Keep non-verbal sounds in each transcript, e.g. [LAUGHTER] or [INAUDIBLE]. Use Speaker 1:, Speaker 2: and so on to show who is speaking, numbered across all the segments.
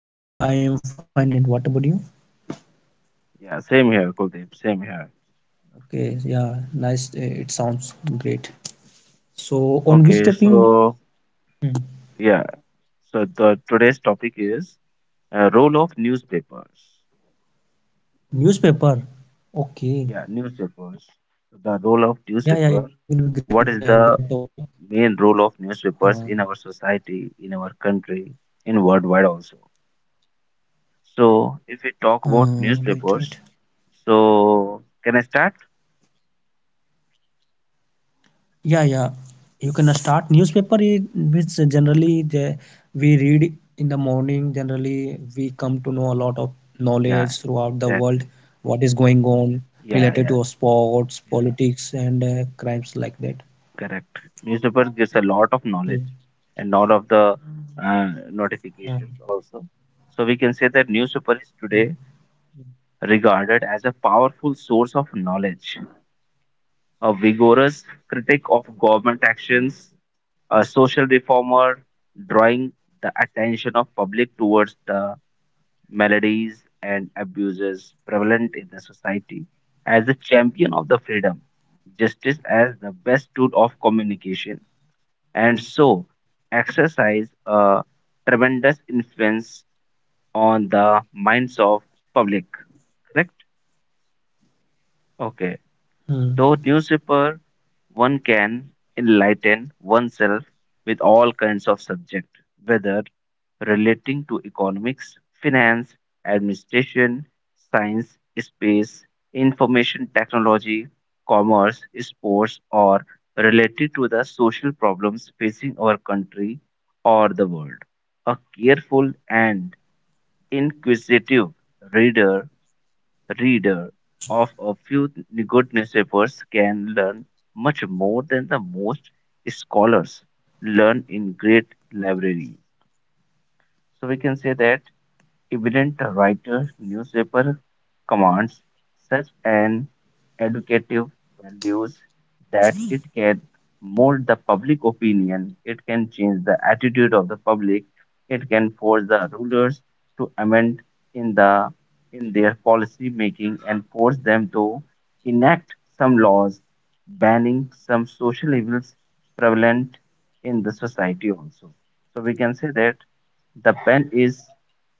Speaker 1: Yeah, I am fine. And what about you?
Speaker 2: Yeah, same here, Kuldeep. Same here.
Speaker 1: Okay, yeah, nice. It sounds great. So, on which
Speaker 2: Okay,
Speaker 1: topic?
Speaker 2: so
Speaker 1: Hmm,
Speaker 2: yeah, so the today's topic is role of newspapers.
Speaker 1: newspaper. Okay.
Speaker 2: Yeah,
Speaker 1: Yeah, yeah,
Speaker 2: newspapers.
Speaker 1: it will be
Speaker 2: So,
Speaker 1: great.
Speaker 2: the role of
Speaker 1: Great topic.
Speaker 2: newspaper. What is
Speaker 1: Uh,
Speaker 2: the main role of newspapers in our society, in our country, in worldwide also?
Speaker 1: right,
Speaker 2: So
Speaker 1: right.
Speaker 2: if we talk about newspapers, so can I start?
Speaker 1: Yeah, yeah. You can start newspaper is which generally we read in the morning. Generally, we come to know a lot of knowledge throughout the world,
Speaker 2: Yeah,
Speaker 1: what is going
Speaker 2: exactly.
Speaker 1: on related to
Speaker 2: Yeah, yeah,
Speaker 1: sports, politics,
Speaker 2: yeah.
Speaker 1: and crimes like that.
Speaker 2: Correct. Newspaper
Speaker 1: Hmm.
Speaker 2: gives a lot of knowledge and lot of
Speaker 1: Right.
Speaker 2: the notifications also.
Speaker 1: Hmm.
Speaker 2: So we can say that newspaper is today regarded as a powerful source of knowledge, a vigorous critic of government actions, a social reformer, drawing the attention of public towards the maladies and abuses prevalent in the society, as a champion of the freedom, justice as the best tool of communication and so exercise a tremendous influence on the minds of public. Correct.
Speaker 1: Hmm.
Speaker 2: Okay. Though newspaper, one can enlighten oneself with all kinds of subject, whether relating to economics, finance, administration, science, space, information technology, commerce, sports, or related to the social problems facing our country or the world. A careful and inquisitive reader reader of a few good newspapers can learn much more than the most scholars learn in great libraries. So we can say that evident writer newspaper commands such an educative values that it can mold the public opinion, it can change the attitude of the public, it can force the rulers to amend in the in their policy making and force them to enact some laws banning some social evils prevalent in the society also. So we can say that the pen is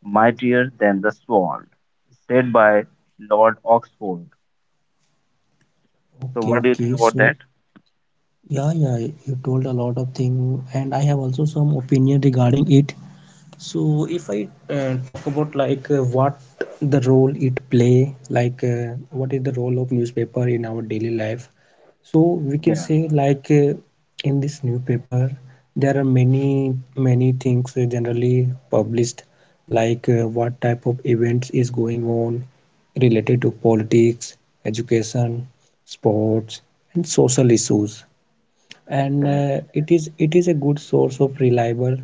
Speaker 2: mightier than the sword, said by Lord Oxford.
Speaker 1: Okay,
Speaker 2: So, what do
Speaker 1: okay.
Speaker 2: you think
Speaker 1: So,
Speaker 2: about that?
Speaker 1: yeah, yeah, you told a lot of thing, and I have also some opinion regarding it. So if I talk about what the role it play, what is the role of newspaper in our daily life? So we can
Speaker 2: Yeah,
Speaker 1: say in this newspaper there are many things generally published, what type of events is going on related to politics, education, sports, and social issues. And
Speaker 2: correct.
Speaker 1: it is a good source of reliable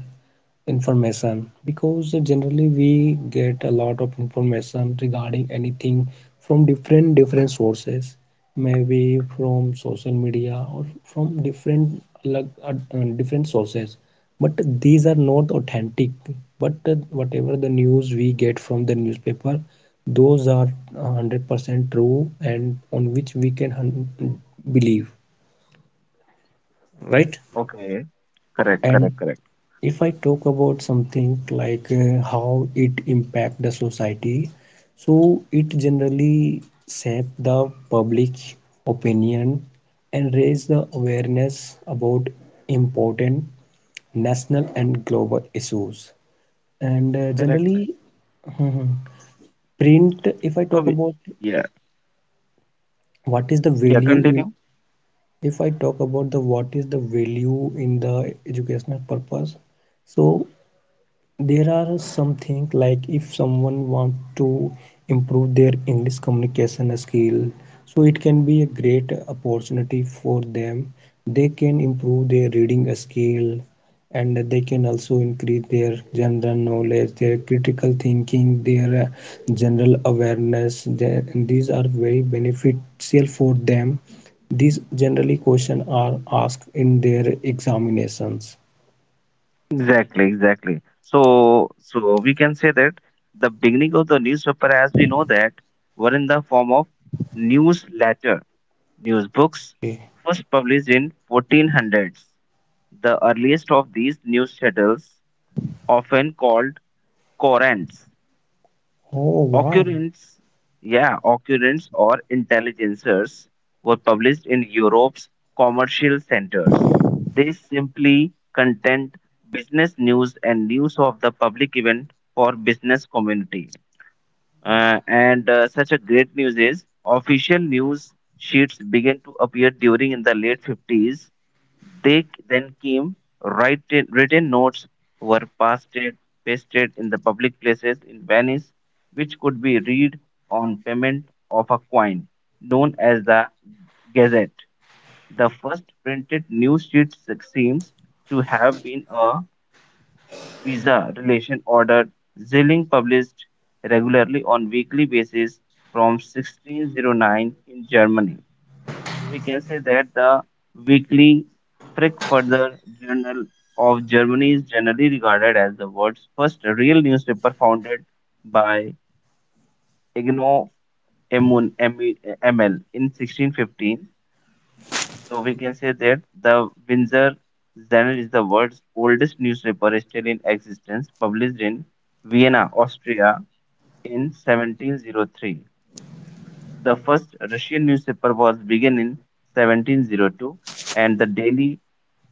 Speaker 1: information because generally we get a lot of information regarding anything from different sources maybe from social media or from different different sources but these are not authentic but whatever the news we get from the newspaper those are 100% true and on which we can believe, right?
Speaker 2: Okay, correct, correct,
Speaker 1: And
Speaker 2: correct.
Speaker 1: if I talk about something how it impact the society, so it generally shape the public opinion and raise the awareness about important national and global issues, and
Speaker 2: Correct.
Speaker 1: generally [LAUGHS] print if I
Speaker 2: So we,
Speaker 1: talk about
Speaker 2: yeah,
Speaker 1: what is the
Speaker 2: yeah,
Speaker 1: value
Speaker 2: continue.
Speaker 1: in if I talk about the what is the value in the educational purpose. So there are something like if someone wants to improve their English communication skill, so it can be a great opportunity for them. They can improve their reading skill, and they can also increase their general knowledge, their critical thinking, their general awareness. And these are very beneficial for them. These generally questions are asked in their examinations.
Speaker 2: Exactly, exactly. So, so we can say that the beginning of the newspaper, as we know that, were in the form of newsletter, news books,
Speaker 1: Okay.
Speaker 2: first published in 1400s. The earliest of these news shuttles, often called Occurrence.
Speaker 1: Oh wow.
Speaker 2: Occurrence, yeah, occurrence or intelligencers were published in Europe's commercial centers. They simply content business news and news of the public event for business community. And such a great news is official news sheets began to appear during in the late 50s. They then came, write, written notes were pasted, pasted in the public places in Venice, which could be read on payment of a coin, known as the Gazette. The first printed news sheet seems to have been a visa relation order Zilling published regularly on weekly basis from 1609 in Germany. So we can say that the weekly Frankfurter Journal of Germany is generally regarded as the world's first real newspaper founded by Igno Emun- Emil in 1615. So we can say that the Windsor Journal is the world's oldest newspaper still in existence, published in Vienna, Austria in 1703. The first Russian newspaper was begun in 1702 and the daily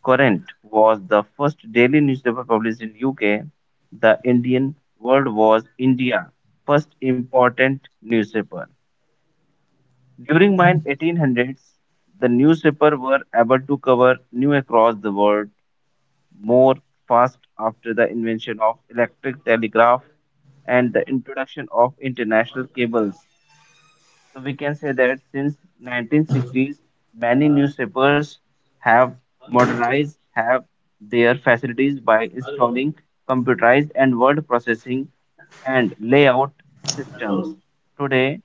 Speaker 2: Current was the first daily newspaper published in UK. The Indian World was India first important newspaper. During mid 1800s, the newspaper were able to cover news across the world more fast after the invention of electric telegraph and the introduction of international cables. So we can say that since 1960s, many newspapers have modernized have their facilities by installing computerized and word processing and layout systems. Today,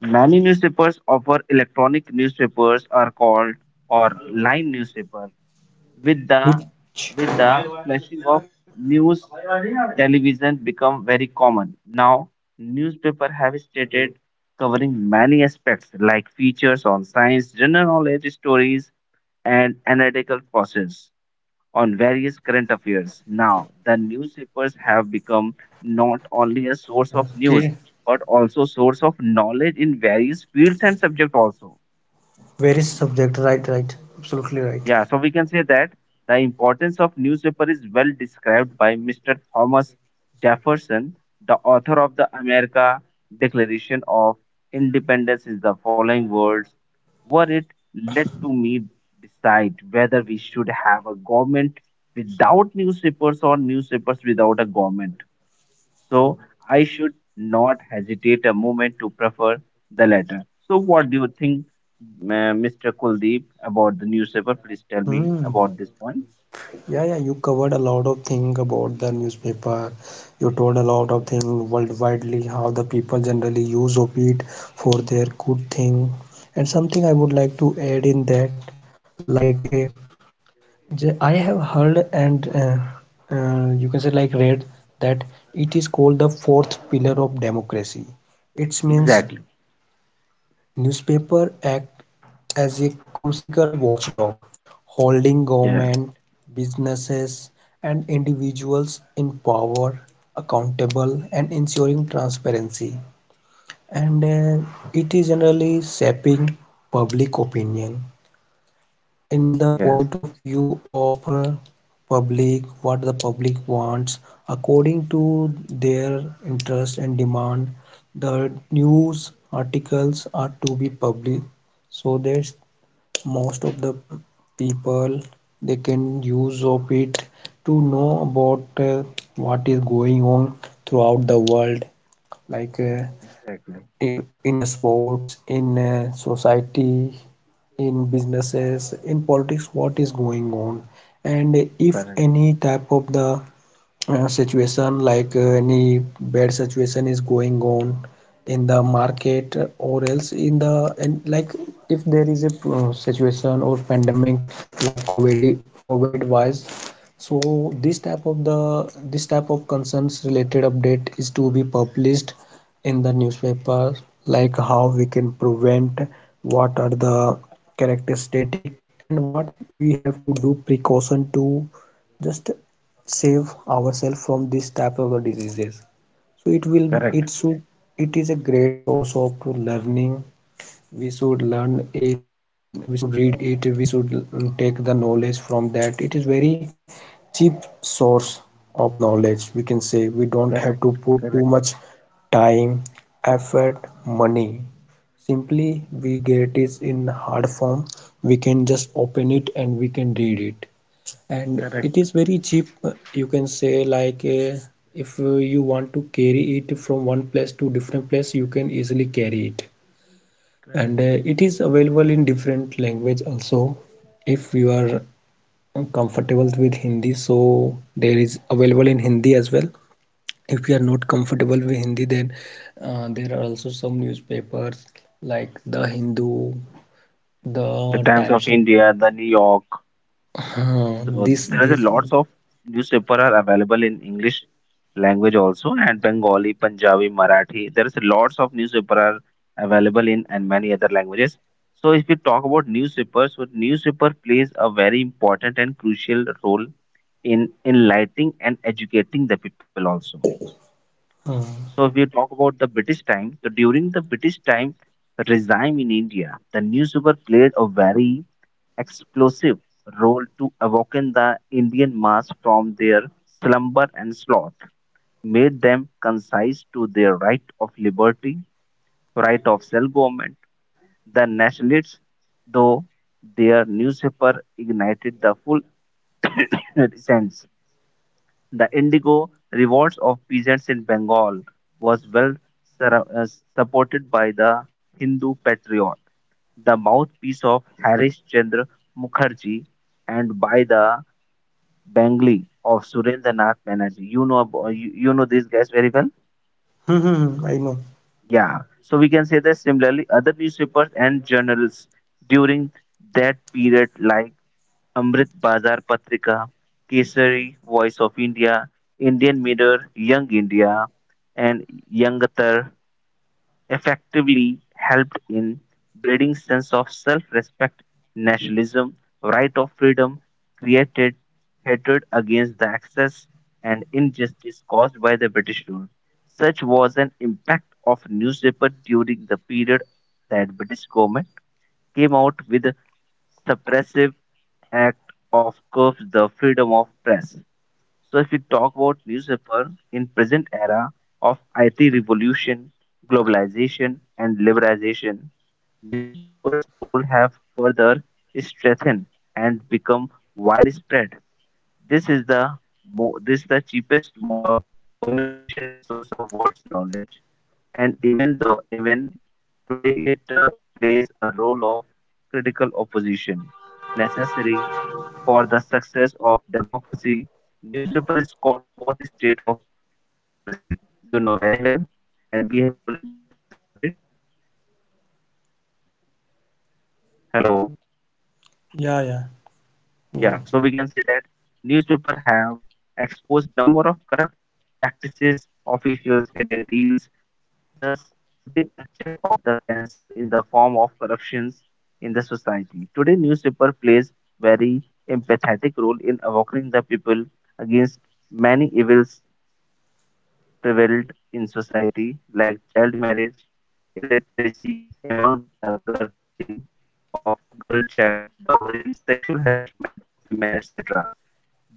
Speaker 2: many newspapers offer electronic newspapers are called or line newspaper with the
Speaker 1: Which?
Speaker 2: with the flashing of news television become very common now, newspaper have started covering many aspects like features on science general knowledge stories and analytical process on various current affairs. Now the newspapers have become not only a source of news
Speaker 1: Okay.
Speaker 2: but also source of knowledge in various fields and subject also.
Speaker 1: Very subject, right, right, absolutely right.
Speaker 2: Yeah, so we can say that the importance of newspaper is well described by Mr. Thomas Jefferson, the author of the America Declaration of Independence in the following words, were it let to me decide whether we should have a government without newspapers or newspapers without a government. So I should not hesitate a moment to prefer the latter. So what do you think, Mr. Kuldeep, about the newspaper? Please tell me
Speaker 1: Hmm.
Speaker 2: about these points.
Speaker 1: Yeah, yeah, you covered a lot of thing about the newspaper. You told a lot of
Speaker 2: Yeah.
Speaker 1: thing worldwidely how the people generally use of it for their good thing. And something I would like to add in that, like uh, I have heard and you can say like read that it is called the fourth pillar of democracy. It means
Speaker 2: Exactly.
Speaker 1: newspapers act as a crucial watchdog, holding
Speaker 2: Yeah.
Speaker 1: government, businesses, and individuals in power accountable and ensuring transparency. And it is generally shaping public opinion in the
Speaker 2: Yes.
Speaker 1: point of view of public, what the public wants according to their interest and demand the news articles are to be published so that most of the people they can use of it to know about what is going on throughout the world like uh,
Speaker 2: Exactly.
Speaker 1: in sports, in society, in businesses, in politics, what is going on. And if
Speaker 2: Correct.
Speaker 1: any type of the situation any bad situation is going on in the market or else in the and like if there is a situation or pandemic like covid wise, so this type of concerns related update is to be published in the newspaper, like how we can prevent, what are the characteristic, and what we have to do precaution to just save ourselves from this type of diseases. So it will it
Speaker 2: Correct.
Speaker 1: should it is a great source of learning. We should learn it, we should read it, we should take the knowledge from that. It is very cheap source of knowledge, we can say. We don't have to
Speaker 2: Correct.
Speaker 1: put too
Speaker 2: Correct.
Speaker 1: much time, effort, money. Simply we get it in hard form, we can just open it and we can read it. And it
Speaker 2: Correct.
Speaker 1: is very cheap, you can say if you want to carry it from one place to different place, you can easily carry it. And it is available in different language also. If you are comfortable with Hindi, so there is available in Hindi as well. If you are not comfortable with Hindi, then there are also some newspapers like The Hindu, the
Speaker 2: The Times of
Speaker 1: times [LAUGHS] of-
Speaker 2: India, the New York. So
Speaker 1: this
Speaker 2: there is a
Speaker 1: this
Speaker 2: lots of newspaper are available in English language also and Bengali, Punjabi, Marathi. There is a lots of newspaper are available in and many other languages. So if we talk about newspapers, so newspaper plays a very important and crucial role in enlightening and educating the people also.
Speaker 1: uh, [LAUGHS]
Speaker 2: So if we talk about the British time, so during the British time regime in India, the newspaper played a very explosive role to awaken the Indian mass from their slumber and sloth, made them concise to their right of liberty, right of self government. The nationalists, though their newspaper ignited the full [COUGHS] sense. The indigo revolts of peasants in Bengal was well sur- uh, supported by the Hindu patriot, the mouthpiece of Harish Chandra Mukherjee, and by the Bangli of Surendra Nath Banerjee. You know you know these guys very well.
Speaker 1: Hmm, hmm, hmm, I know.
Speaker 2: Yeah. So we can say that similarly, other newspapers and journals during that period like Amrit Bazar Patrika, Kesari, Voice of India, Indian Mirror, Young India, and Yangatar effectively helped in building sense of self-respect, nationalism, right of freedom, created hatred against the excess and injustice caused by the British rule. Such was an impact of newspaper during the period that British government came out with the suppressive act of curbs the freedom of press. So if we talk about newspaper in present era of IT revolution, globalization and liberalization, newspapers role have further strengthened and become widespread. This is the this is the cheapest mode of communication and source of world's knowledge, and even though even today it plays a role of critical opposition necessary for the success of democracy. Newspaper is called fourth state of democracy, you know very well, and we have already discussed about it. Hello?
Speaker 1: Yeah, yeah.
Speaker 2: Yeah,
Speaker 1: Go.
Speaker 2: so we can say that newspaper have exposed number of corrupt practices officials hidden deals, thus putting a check of the cancer in the form of corruptions in the society. Today, newspaper plays very empathetic role in awakening the people against many evils prevalent in society like child marriage, illiteracy among the girl killing of girl child, dowry, sexual harassment of women, etc.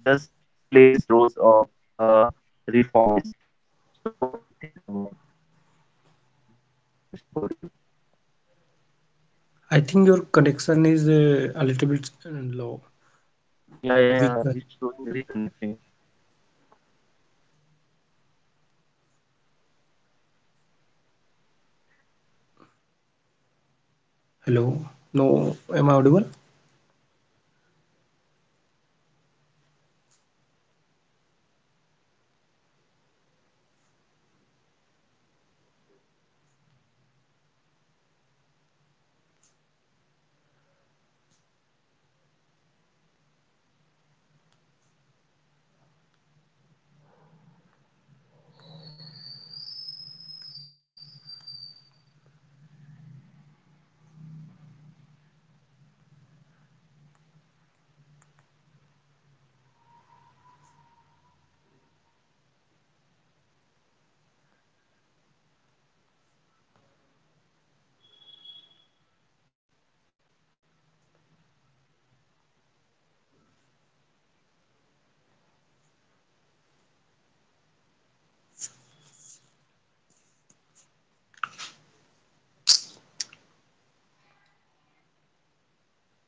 Speaker 2: Thus plays roles of a reformist. So what do you think about this, Mr. Kuldeep?
Speaker 1: I think your connection is a little bit low,
Speaker 2: Yeah, yeah, yeah.
Speaker 1: weaker.
Speaker 2: It's showing reconnecting.
Speaker 1: Hello. No, am I audible?